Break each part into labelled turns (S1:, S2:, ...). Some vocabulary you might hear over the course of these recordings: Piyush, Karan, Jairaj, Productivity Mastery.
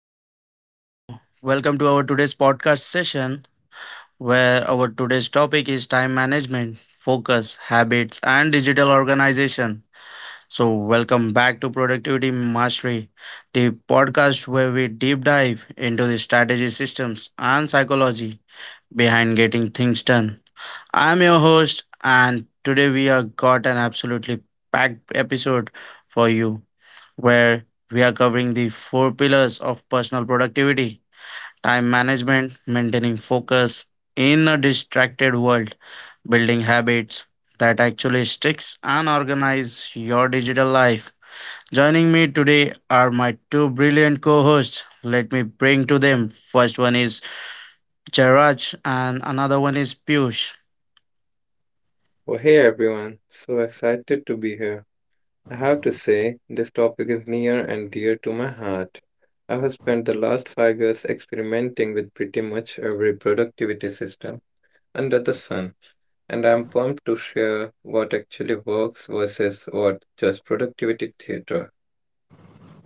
S1: Okay, so welcome to our today's podcast session where our today's topic is time management, focus, habits, and digital organization. So, welcome back to Productivity Mastery, the podcast where we deep dive into the strategy systems and psychology behind getting things done. I'm your host, and today we have got an absolutely packed episode for you where we are covering the four pillars of personal productivity time management, maintaining focus in a distracted world, building habits that actually sticks and organize your digital life. Joining me today are my two brilliant co-hosts. Let me bring to them. First one is Jairaj and another one is Piyush.
S2: Well, hey everyone, so excited to be here. I have to say, this topic is near and dear to my heart. I have spent the last 5 years experimenting with pretty much every productivity system under the sun, and I'm pumped to share what actually works versus what just productivity theater.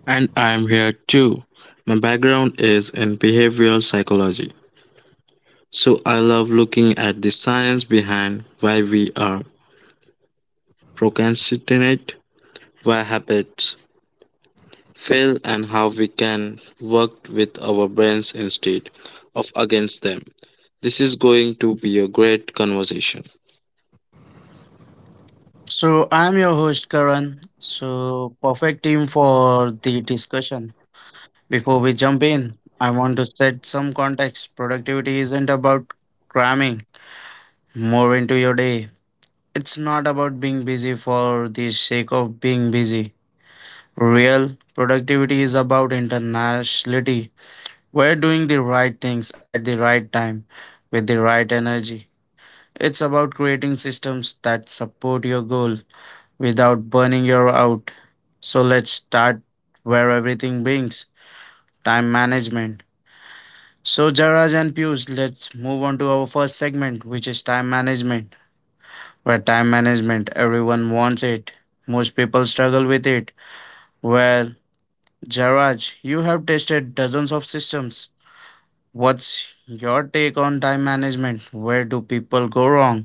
S3: And I'm here too. My background is in behavioral psychology, so I love looking at the science behind why we are procrastinate, why habits fail, and how we can work with our brains instead of against them. This is going to be a great conversation.
S1: So I'm your host Karan. So perfect team for the discussion. Before we jump in, I want to set some context. Productivity isn't about cramming more into your day. It's not about being busy for the sake of being busy. Real productivity is about internationality. We're doing the right things at the right time with the right energy. It's about creating systems that support your goal without burning you out. So let's start where everything brings time management. So, Jaraj and Pius, let's move on to our first segment, which is time management, where time management, everyone wants it. Most people struggle with it. Well, Jaraj, you have tested dozens of systems. What's your take on time management? Where do people go wrong?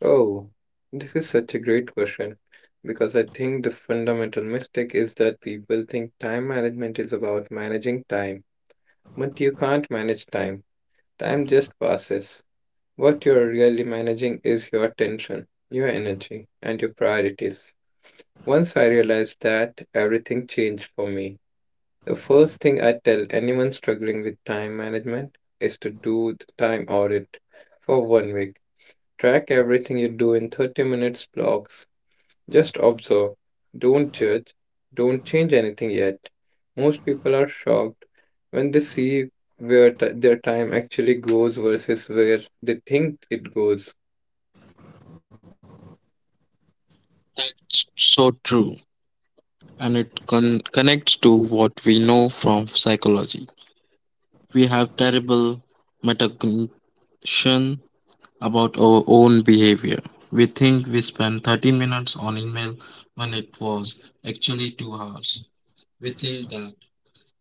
S2: Oh, this is such a great question because I think the fundamental mistake is that people think time management is about managing time, but you can't manage time. Time just passes. What you're really managing is your attention, your energy, and your priorities. Once I realized that, everything changed for me. The first thing I tell anyone struggling with time management is to do the time audit for 1 week. Track everything you do in 30 minutes blocks, just observe. Don't judge. Don't change anything yet. Most people are shocked when they see where their time actually goes versus where they think it goes.
S3: That's so true, and it connects to what we know from psychology. We have terrible metacognition about our own behavior. We think we spend 30 minutes on email when it was actually 2 hours. We think that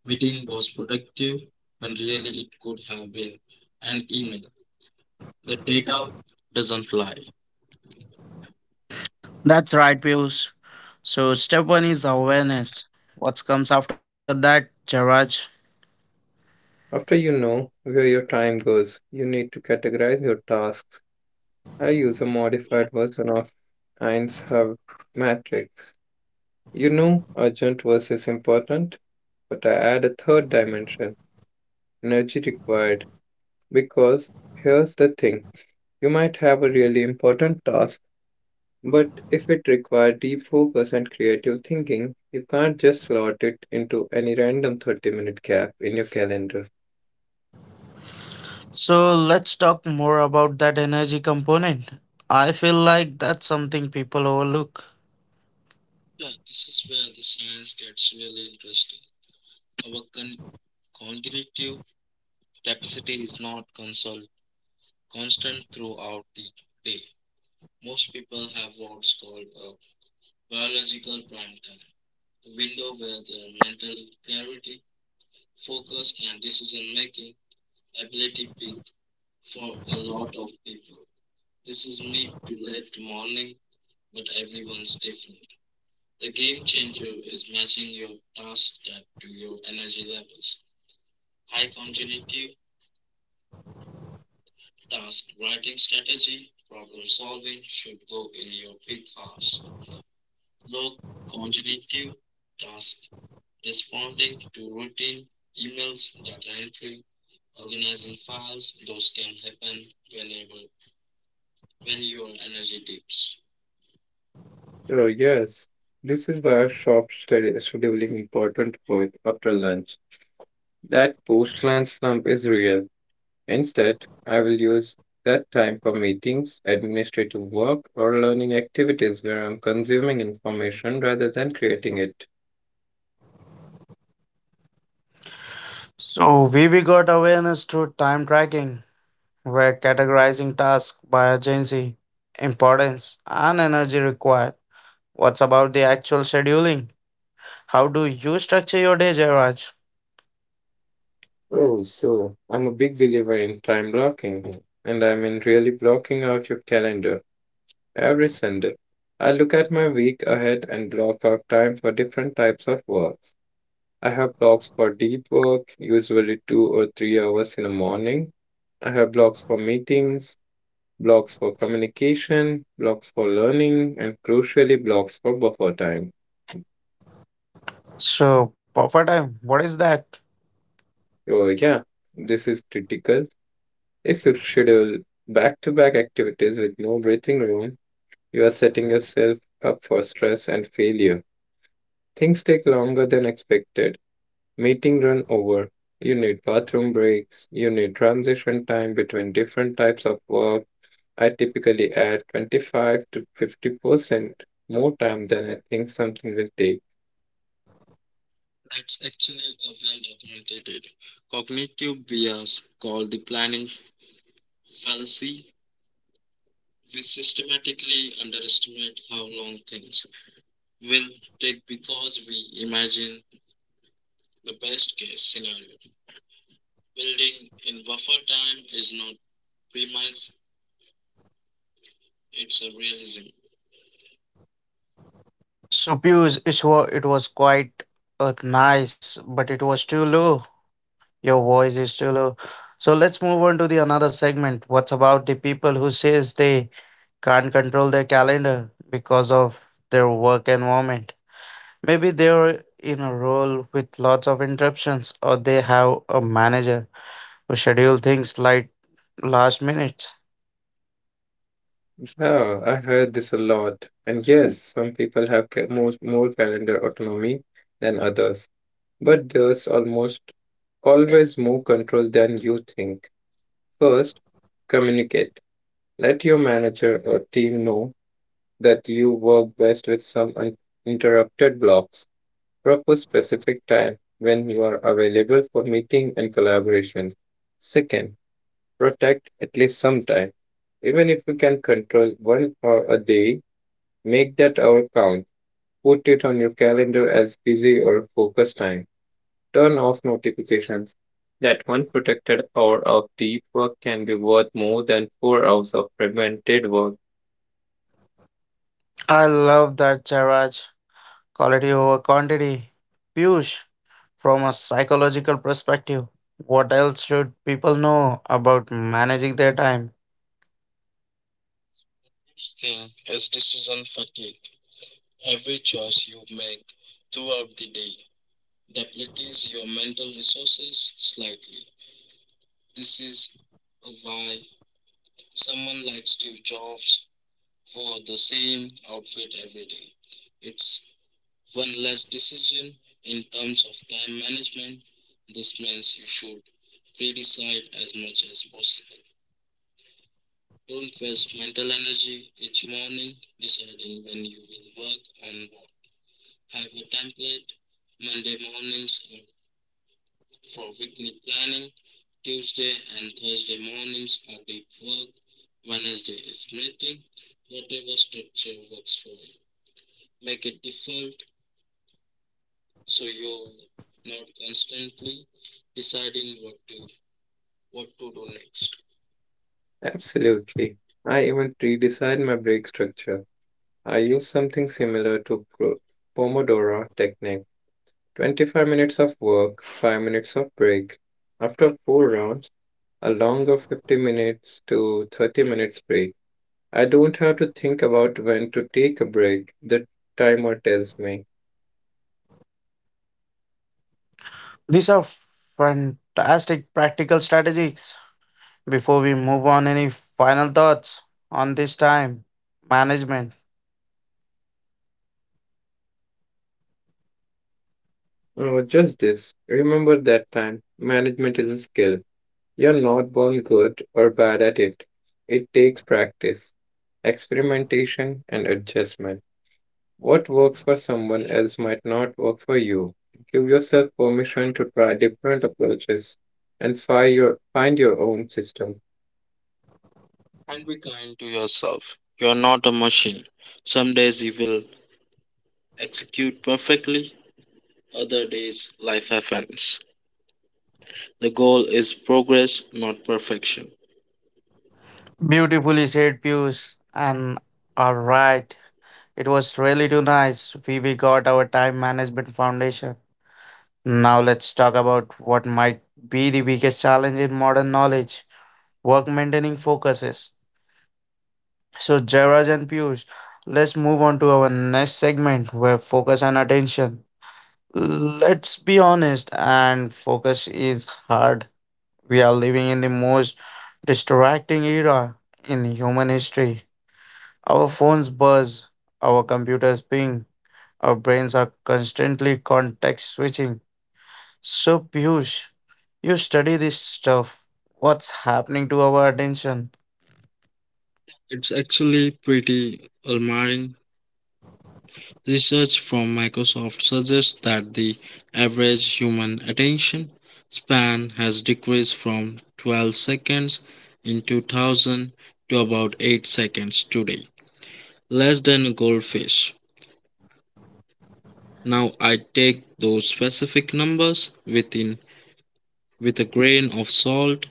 S3: meeting was productive when really it could have been an email. The data doesn't lie.
S1: That's right, Piyush. So, step one is awareness. What comes after that, Jaraj?
S2: After you know where your time goes, you need to categorize your tasks. I use a modified version of Einstein matrix. You know, urgent versus important, but I add a third dimension, energy required, because here's the thing. You might have a really important task, but if it requires deep focus and creative thinking, you can't just slot it into any random 30-minute gap in your calendar.
S1: So, let's talk more about that energy component. I feel like that's something people overlook.
S3: Yeah, this is where the science gets really interesting. Our cognitive capacity is not constant throughout the day. Most people have what's called a biological prime time, a window where their mental clarity, focus, and decision making ability peak for a lot of people. This is mid to late morning, but everyone's different. The game changer is matching your task type to your energy levels. High cognitive task writing strategy, problem solving should go in your peak hours. Low cognitive task responding to routine emails, data entry, organizing files, those can happen whenever when your energy dips.
S2: Oh, yes. This is where scheduling important for after lunch. That post lunch slump is real. Instead, I will use that time for meetings, administrative work, or learning activities where I'm consuming information rather than creating it.
S1: So, we got awareness through time tracking. We're categorizing tasks by urgency, importance, and energy required. What's about the actual scheduling? How do you structure your day, Jairaj?
S2: Oh, so I'm a big believer in time blocking, and I mean really blocking out your calendar every Sunday. I look at my week ahead and block out time for different types of work. I have blocks for deep work, usually 2 or 3 hours in the morning. I have blocks for meetings, blocks for communication, blocks for learning, and crucially, blocks for buffer time.
S1: So, buffer time, what is that?
S2: Oh, yeah, this is critical. If you schedule back to back activities with no breathing room, you are setting yourself up for stress and failure. Things take longer than expected. Meeting run over. You need bathroom breaks. You need transition time between different types of work. I typically add 25 to 50% more time than I think something will take.
S3: That's actually a well documented cognitive bias called the planning fallacy. We systematically underestimate how long things will take because we imagine the best case scenario. Building in buffer time is not premise, it's a realism.
S1: So, Piyush, it was quite nice, but it was too low. Your voice is too low. So let's move on to the another segment. What's about the people who says they can't control their calendar because of their work environment? Maybe they're in a role with lots of interruptions, or they have a manager who schedule things like last minute.
S2: Yeah, I heard this a lot. And yes, some people have more calendar autonomy than others, but there's almost always more control than you think. First, communicate. Let your manager or team know that you work best with some uninterrupted blocks. Propose specific time when you are available for meeting and collaboration. Second, protect at least some time. Even if you can control 1 hour a day, make that hour count. Put it on your calendar as busy or focus time. Turn off notifications. That one protected hour of deep work can be worth more than 4 hours of prevented work.
S1: I love that, Jarraj. Quality over quantity. Piyush, from a psychological perspective, what else should people know about managing their time?
S3: First thing is decision fatigue. Every choice you make throughout the day depletes your mental resources slightly. This is why someone like Steve Jobs wore the same outfit every day. It's one less decision. In terms of time management, this means you should pre-decide as much as possible. Don't waste mental energy each morning deciding when you will work on what. Have a template. Monday mornings are for weekly planning, Tuesday and Thursday mornings are deep work, Wednesday is meeting, whatever structure works for you. Make it default so you're not constantly deciding what to do next.
S2: Absolutely. I even redesigned my break structure. I use something similar to Pomodoro technique: 25 minutes of work, 5 minutes of break. After 4 rounds, a longer 50 minutes to 30 minutes break. I don't have to think about when to take a break. The timer tells me.
S1: These are fantastic practical strategies. Before we move on, any final thoughts on this time management?
S2: Oh, just this. Remember that time management is a skill. You're not born good or bad at it. It takes practice, experimentation, and adjustment. What works for someone else might not work for you. Give yourself permission to try different approaches and find your own system.
S3: And be kind to yourself. You're not a machine. Some days you will execute perfectly, other days life happens. The goal is progress, not perfection.
S1: Beautifully said, Pius. And all right, it was really too nice. We got our time management foundation. Now let's talk about what might be the biggest challenge in modern knowledge work maintaining focuses. So, Jairaj and Piyush, let's move on to our next segment where focus and attention. Let's be honest, and focus is hard. We are living in the most distracting era in human history. Our phones buzz, our computers ping, our brains are constantly context switching. So, Piyush, you study this stuff. What's happening to our attention?
S3: It's actually pretty alarming. Research from Microsoft suggests that the average human attention span has decreased from 12 seconds in 2000 to about 8 seconds today, less than a goldfish. Now I take those specific numbers with a grain of salt,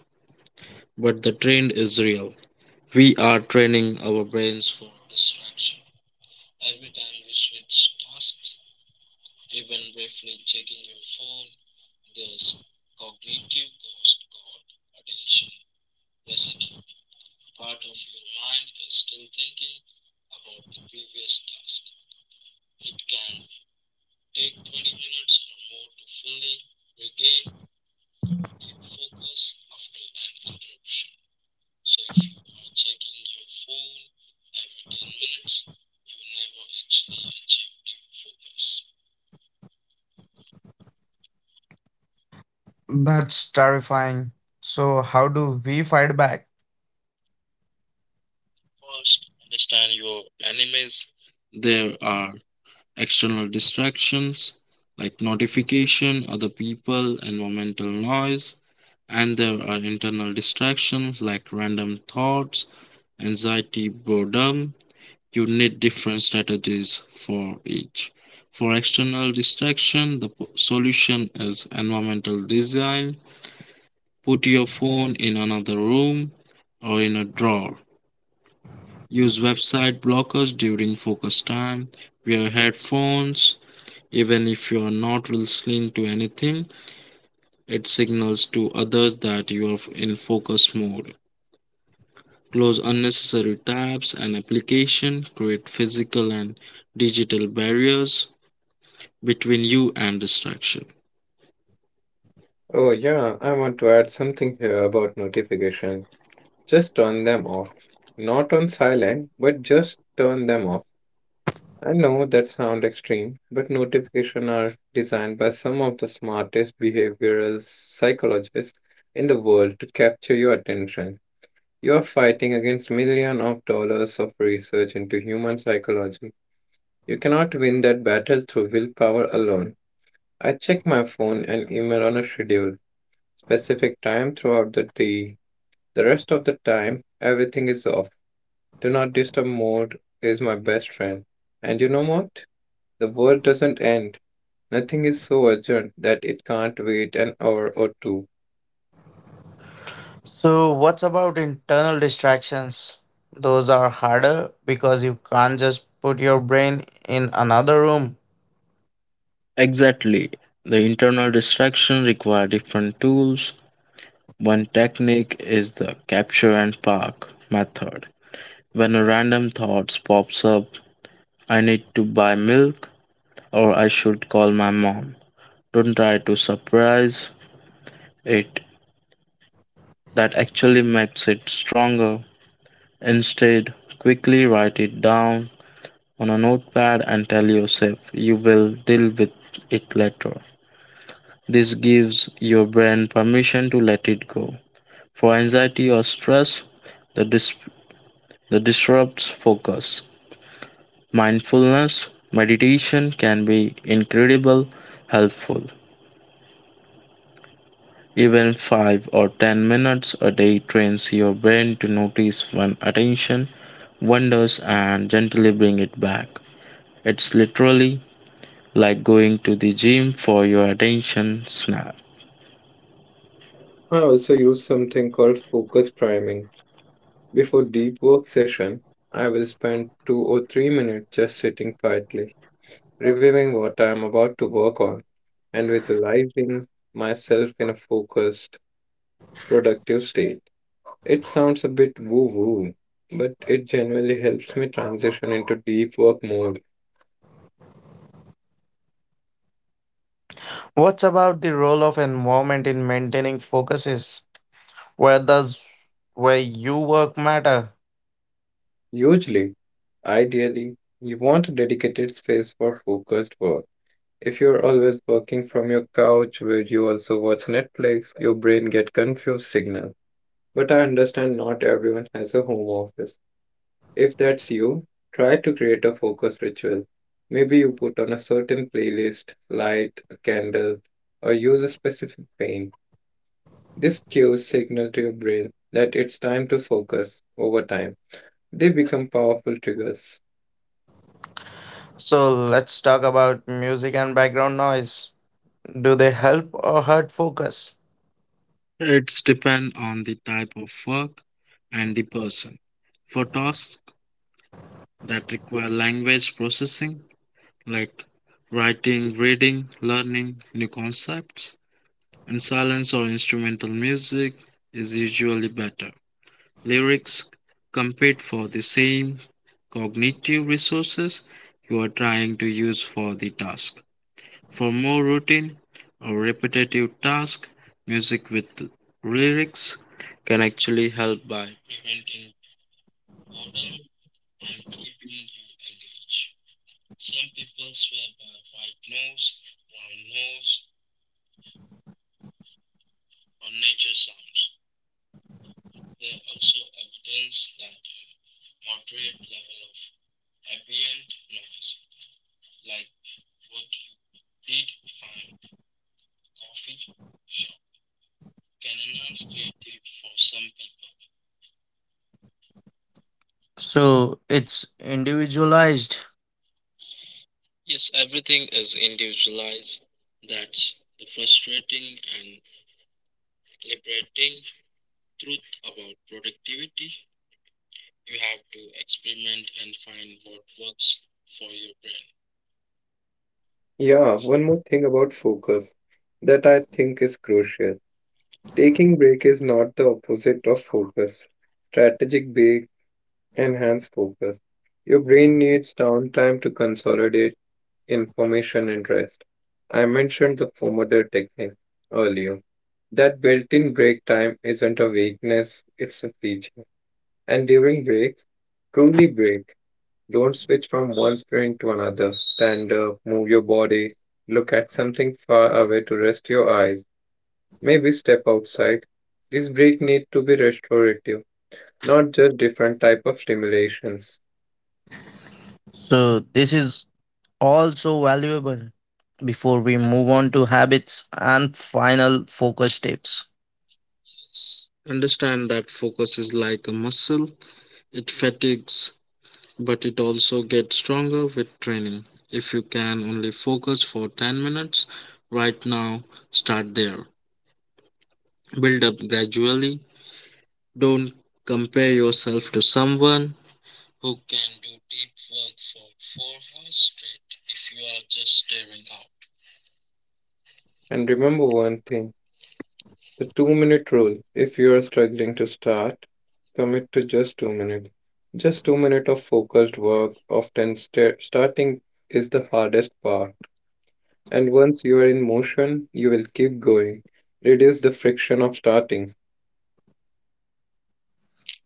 S3: but the trend is real. We are training our brains for distraction every time we switch tasks. Even briefly checking your phone, this cognitive ghost called attention residue. Part of your mind is still thinking about the previous task. It can take 20 minutes or more to fully regain its focus after an interruption. So if you are checking your phone every 10 minutes, you never actually achieve deep focus.
S1: That's terrifying. So, how do we fight back?
S3: First, understand your enemies. There are external distractions like notification, other people, environmental noise, and there are internal distractions like random thoughts, anxiety, boredom. You need different strategies for each. For external distraction, the solution is environmental design. Put your phone in another room or in a drawer. Use website blockers during focus time. Wear headphones. Even if you are not listening to anything, it signals to others that you are in focus mode. Close unnecessary tabs and applications. Create physical and digital barriers between you and distraction.
S2: Oh, yeah, I want to add something here about notification. Just turn them off. Not on silent, but just turn them off. I know that sound extreme, but notifications are designed by some of the smartest behavioral psychologists in the world to capture your attention. You are fighting against millions of dollars of research into human psychology. You cannot win that battle through willpower alone. I check my phone and email on a schedule, specific time throughout the day. The rest of the time, everything is off. Do not disturb mode is my best friend. And you know what? The world doesn't end. Nothing is so urgent that it can't wait an hour or two.
S1: So, what's about internal distractions? Those are harder because you can't just put your brain in another room.
S3: Exactly. The internal distraction require different tools. One technique is the capture and park method. When a random thought pops up, I need to buy milk or I should call my mom. Don't try to suppress it, that actually makes it stronger. Instead, quickly write it down on a notepad and tell yourself you will deal with it later. This gives your brain permission to let it go. For anxiety or stress, the, dis- the disrupts focus. Mindfulness meditation can be incredibly helpful. Even 5 or 10 minutes a day trains your brain to notice when attention wanders and gently bring it back. It's literally like going to the gym for your attention snap.
S2: I also use something called focus priming. Before deep work session, I will spend 2 or 3 minutes just sitting quietly, reviewing what I am about to work on and visualizing myself in a focused, productive state. It sounds a bit woo-woo, but it genuinely helps me transition into deep work mode.
S1: What's about the role of environment in maintaining focuses? Where does where you work matter.
S2: Usually, ideally, you want a dedicated space for focused work. If you're always working from your couch where you also watch Netflix, your brain get confused signal. But I understand not everyone has a home office. If that's you, try to create a focus ritual. Maybe you put on a certain playlist, light a candle, or use a specific paint. This cues signal to your brain that it's time to focus over time. They become powerful triggers.
S1: So let's talk about music and background noise. Do they help or hurt focus?
S3: It's depend on the type of work and the person. For tasks that require language processing, like writing, reading, learning new concepts, and silence or instrumental music is usually better. Lyrics compete for the same cognitive resources you're trying to use for the task. For more routine or repetitive tasks, music with lyrics can actually help by preventing boredom and keeping you engaged. Some people swear by white noise, brown noise, or nature sounds. They are also evidence that a moderate level of ambient noise like what you read find coffee shop can enhance creativity for some people.
S1: So it's individualized.
S3: Yes, everything is individualized. That's the frustrating and liberating truth about productivity. You have to experiment and find what works for your brain.
S2: Yeah, one more thing about focus that I think is crucial. Taking break is not the opposite of focus. Strategic break enhance focus. Your brain needs downtime to consolidate information and rest. I mentioned the Pomodoro technique earlier. That built-in break time isn't a weakness, it's a feature. And during breaks, truly break. Don't switch from one screen to another. Stand up, move your body, look at something far away to rest your eyes. Maybe step outside. This break need to be restorative, not just different type of stimulations.
S1: So this is also valuable before we move on to habits and final focus tips.
S3: Understand that focus is like a muscle, it fatigues but it also gets stronger with training. If you can only focus for 10 minutes right now, start there. Build up gradually. Don't compare yourself to someone who can do deep work for 4 hours straight if you are just staring out.
S2: And remember one thing, the 2-minute rule. If you are struggling to start, commit to just 2 minutes. Just 2 minutes of focused work, often starting is the hardest part. And once you are in motion, you will keep going. Reduce the friction of starting.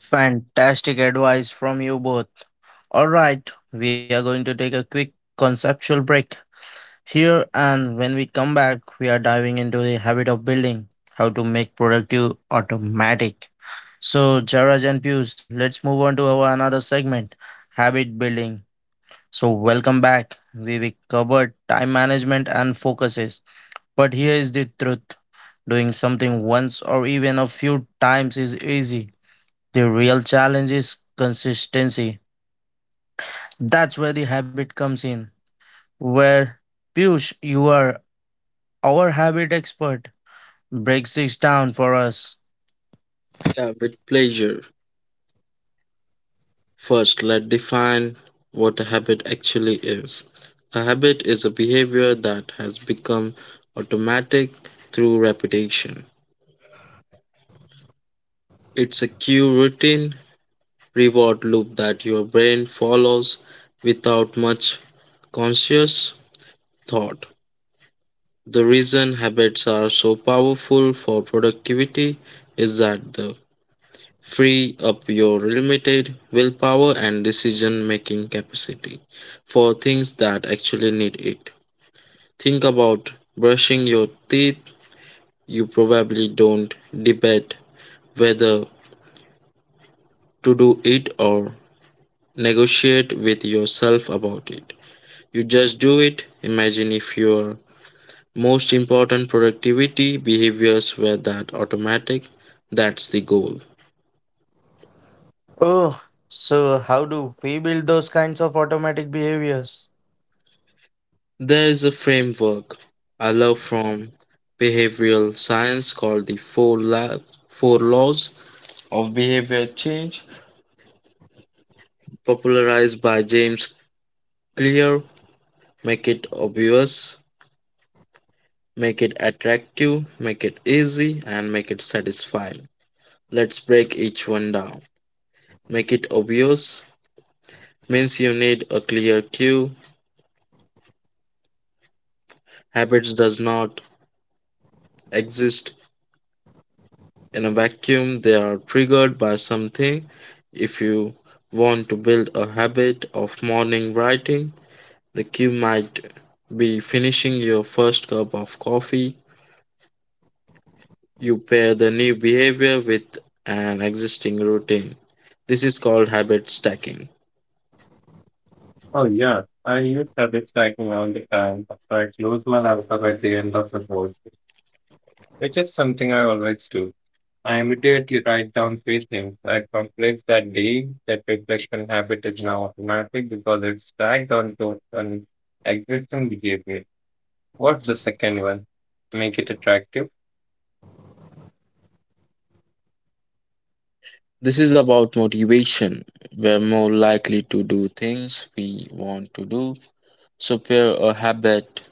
S1: Fantastic advice from you both. All right, we are going to take a quick conceptual break here, and when we come back, we are diving into the habit of building, how to make productive automatic. So, Jaraj and Pius, let's move on to our another segment, habit building. So, welcome back. We covered time management and focuses, but here is the truth: doing something once or even a few times is easy. The real challenge is consistency. That's where the habit comes in. Where Piyush, you are our habit expert, breaks this down for us.
S3: Yeah, with pleasure. First, let's define what a habit actually is. A habit is a behavior that has become automatic through repetition. It's a cue routine reward loop that your brain follows without much conscious thought. The reason habits are so powerful for productivity is that they free up your limited willpower and decision making capacity for things that actually need it. Think about brushing your teeth. You probably don't debate whether to do it or negotiate with yourself about it. You just do it. Imagine if your most important productivity behaviors were that automatic. That's the goal.
S1: Oh, so how do we build those kinds of automatic behaviors?
S3: There is a framework I love from behavioral science called the four laws of behavior change, popularized by James Clear. Make it obvious, make it attractive, make it easy, and make it satisfying. Let's break each one down. Make it obvious means you need a clear cue. Habits does not exist in a vacuum. They are triggered by something. If you want to build a habit of morning writing, the cue might be finishing your first cup of coffee. You pair the new behavior with an existing routine. This is called habit stacking.
S2: Oh yeah, I use habit tracking all the time. So I close my laptop at the end of the board. Which is something I always do. I immediately write down three things I accomplished that day. That reflection habit is now automatic because it's tagged onto an existing behavior. What's the second one? Make it attractive.
S3: This is about motivation. We're more likely to do things we want to do. Software or habit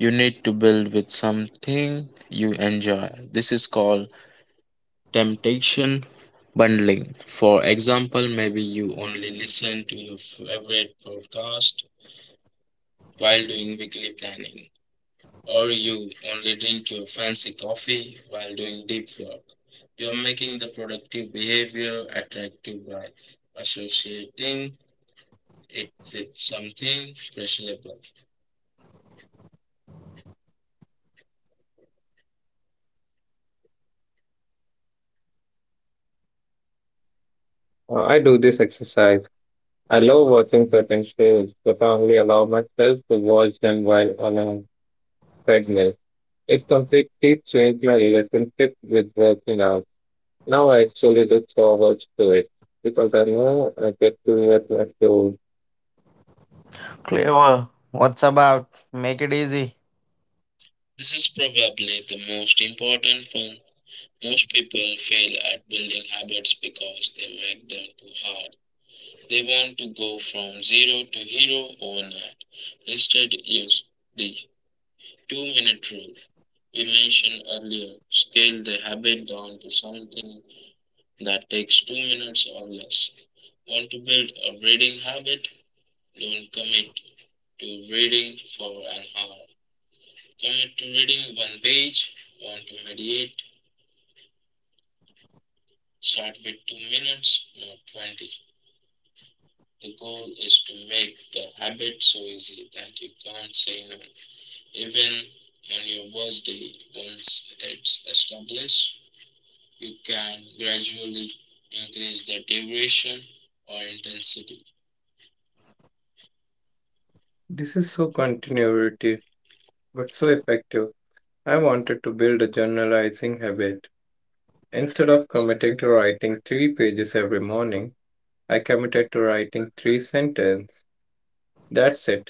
S3: you need to build with something you enjoy. This is called temptation bundling. For example, maybe you only listen to your favorite podcast while doing weekly planning, or you only drink your fancy coffee while doing deep work. You're making the productive behavior attractive by associating it with something pleasurable.
S2: I do this exercise. I love watching certain shows, but I only allow myself to watch them while on a treadmill. It completely changed my relationship with working out. Now I actually look forward to it because I know I get to meet my own.
S1: Clever. What's about? Make it easy.
S3: This is probably the most important one. Most people fail at building habits because they make them too hard. They want to go from zero to hero overnight. Instead, use the 2 minute rule we mentioned earlier. Scale the habit down to something that takes 2 minutes or less. Want to build a reading habit? Don't commit to reading for an hour. Commit to reading one page. Want to mediate? Start with 2 minutes, not 20. The goal is to make the habit so easy that you can't say no. Even on your worst day, once it's established, you can gradually increase the duration or intensity.
S2: This is so continuity, but so effective. I wanted to build a journalizing habit. Instead of committing to writing three pages every morning, I committed to writing three sentences. That's it.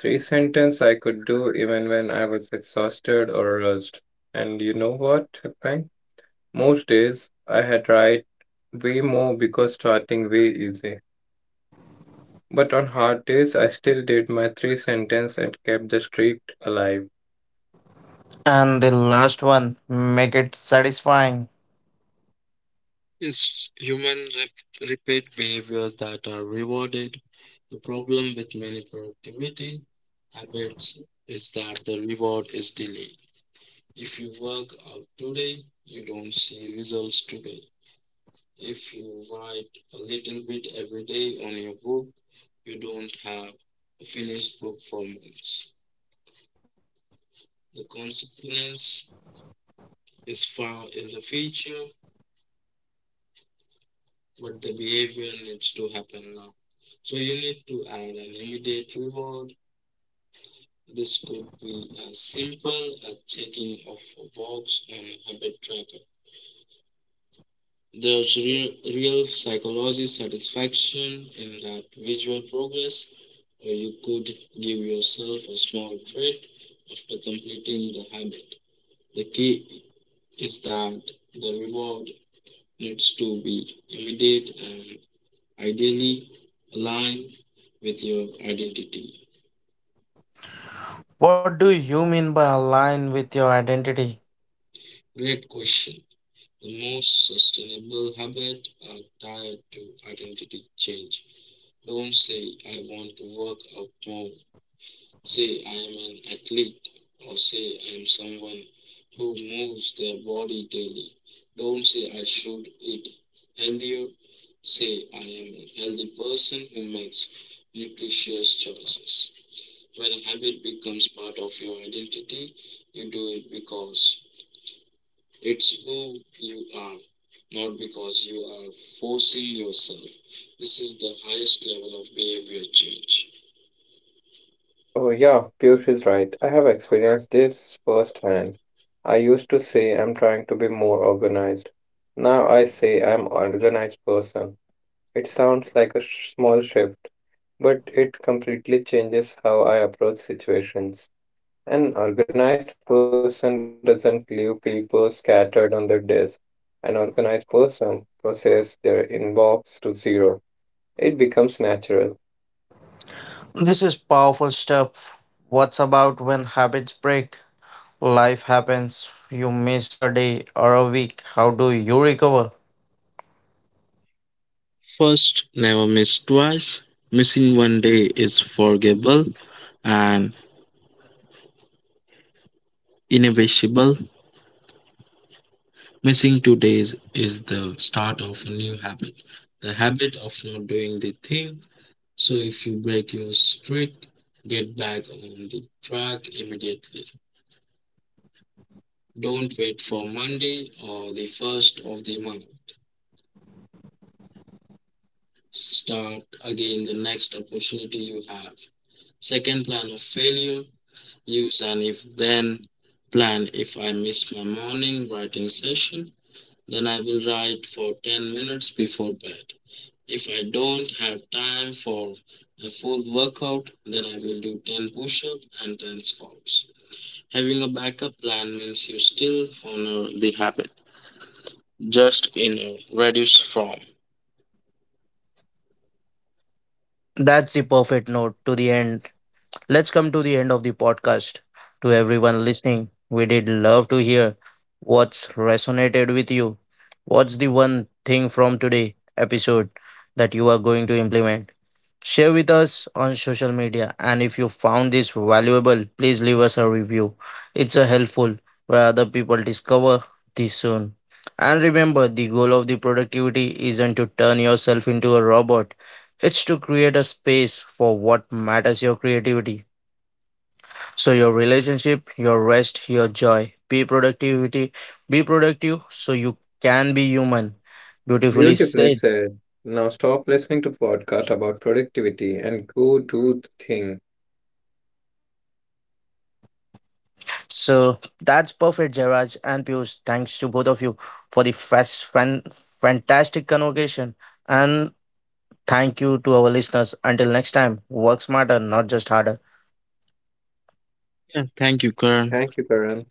S2: Three sentences I could do even when I was exhausted or rushed. And you know what happened? Most days I had write way more because starting way easy. But on hard days, I still did my three sentence and kept the streak alive.
S1: And the last one, make it satisfying.
S3: It's human repeat behaviors that are rewarded. The problem with many productivity habits is that the reward is delayed. If you work out today, you don't see results today. If you write a little bit every day on your book, you don't have a finished book for months. The consequence is far in the future, but the behavior needs to happen now. So you need to add an immediate reward. This could be as simple as checking off a box on a habit tracker. There's real, real psychology satisfaction in that visual progress, or you could give yourself a small treat after completing the habit. The key is that the reward needs to be immediate and ideally aligned with your identity.
S1: What do you mean by align with your identity?
S3: Great question. The most sustainable habits are tied to identity change. Don't say, I want to work out more. Say I am an athlete, or say I am someone who moves their body daily. Don't say I should eat healthier. Say I am a healthy person who makes nutritious choices. When a habit becomes part of your identity, you do it because it's who you are, not because you are forcing yourself. This is the highest level of behavior change.
S2: Oh, yeah, Piyush is right. I have experienced this firsthand. I used to say I'm trying to be more organized. Now I say I'm organized person. It sounds like a small shift, but it completely changes how I approach situations. An organized person doesn't leave people scattered on their desk. An organized person processes their inbox to zero. It becomes natural.
S1: This is powerful stuff. What's about when habits break? Life happens. You miss a day or a week. How do you recover?
S3: First, never miss twice. Missing one day is forgivable and inevitable. Missing 2 days is the start of a new habit, the habit of not doing the thing. So, if you break your streak, get back on the track immediately. Don't wait for Monday or the first of the month. Start again the next opportunity you have. Second, plan of failure. Use an if then plan. If I miss my morning writing session, then I will write for 10 minutes before bed. If I don't have time for a full workout, then I will do 10 push ups and 10 squats. Having a backup plan means you still honor the habit, just in a reduced form.
S1: That's the perfect note to the end. Let's come to the end of the podcast. To everyone listening, we did love to hear what's resonated with you. What's the one thing from today episode that you are going to implement? Share with us on social media, and if you found this valuable, please leave us a review. It's a helpful where other people discover this soon. And remember, the goal of the productivity isn't to turn yourself into a robot. It's to create a space for what matters your creativity, so your relationship, your rest, your joy. Be productivity. Be productive so you can be human. Beautifully
S2: Beautifully
S1: said.
S2: said. Now stop listening to podcast about productivity and go do the thing.
S1: So that's perfect, Jairaj and Piyush. Thanks to both of you for the fast fan fantastic convocation. And thank you to our listeners. Until next time, work smarter, not just harder.
S3: Yeah, thank you, Karan.
S2: Thank you, Karan.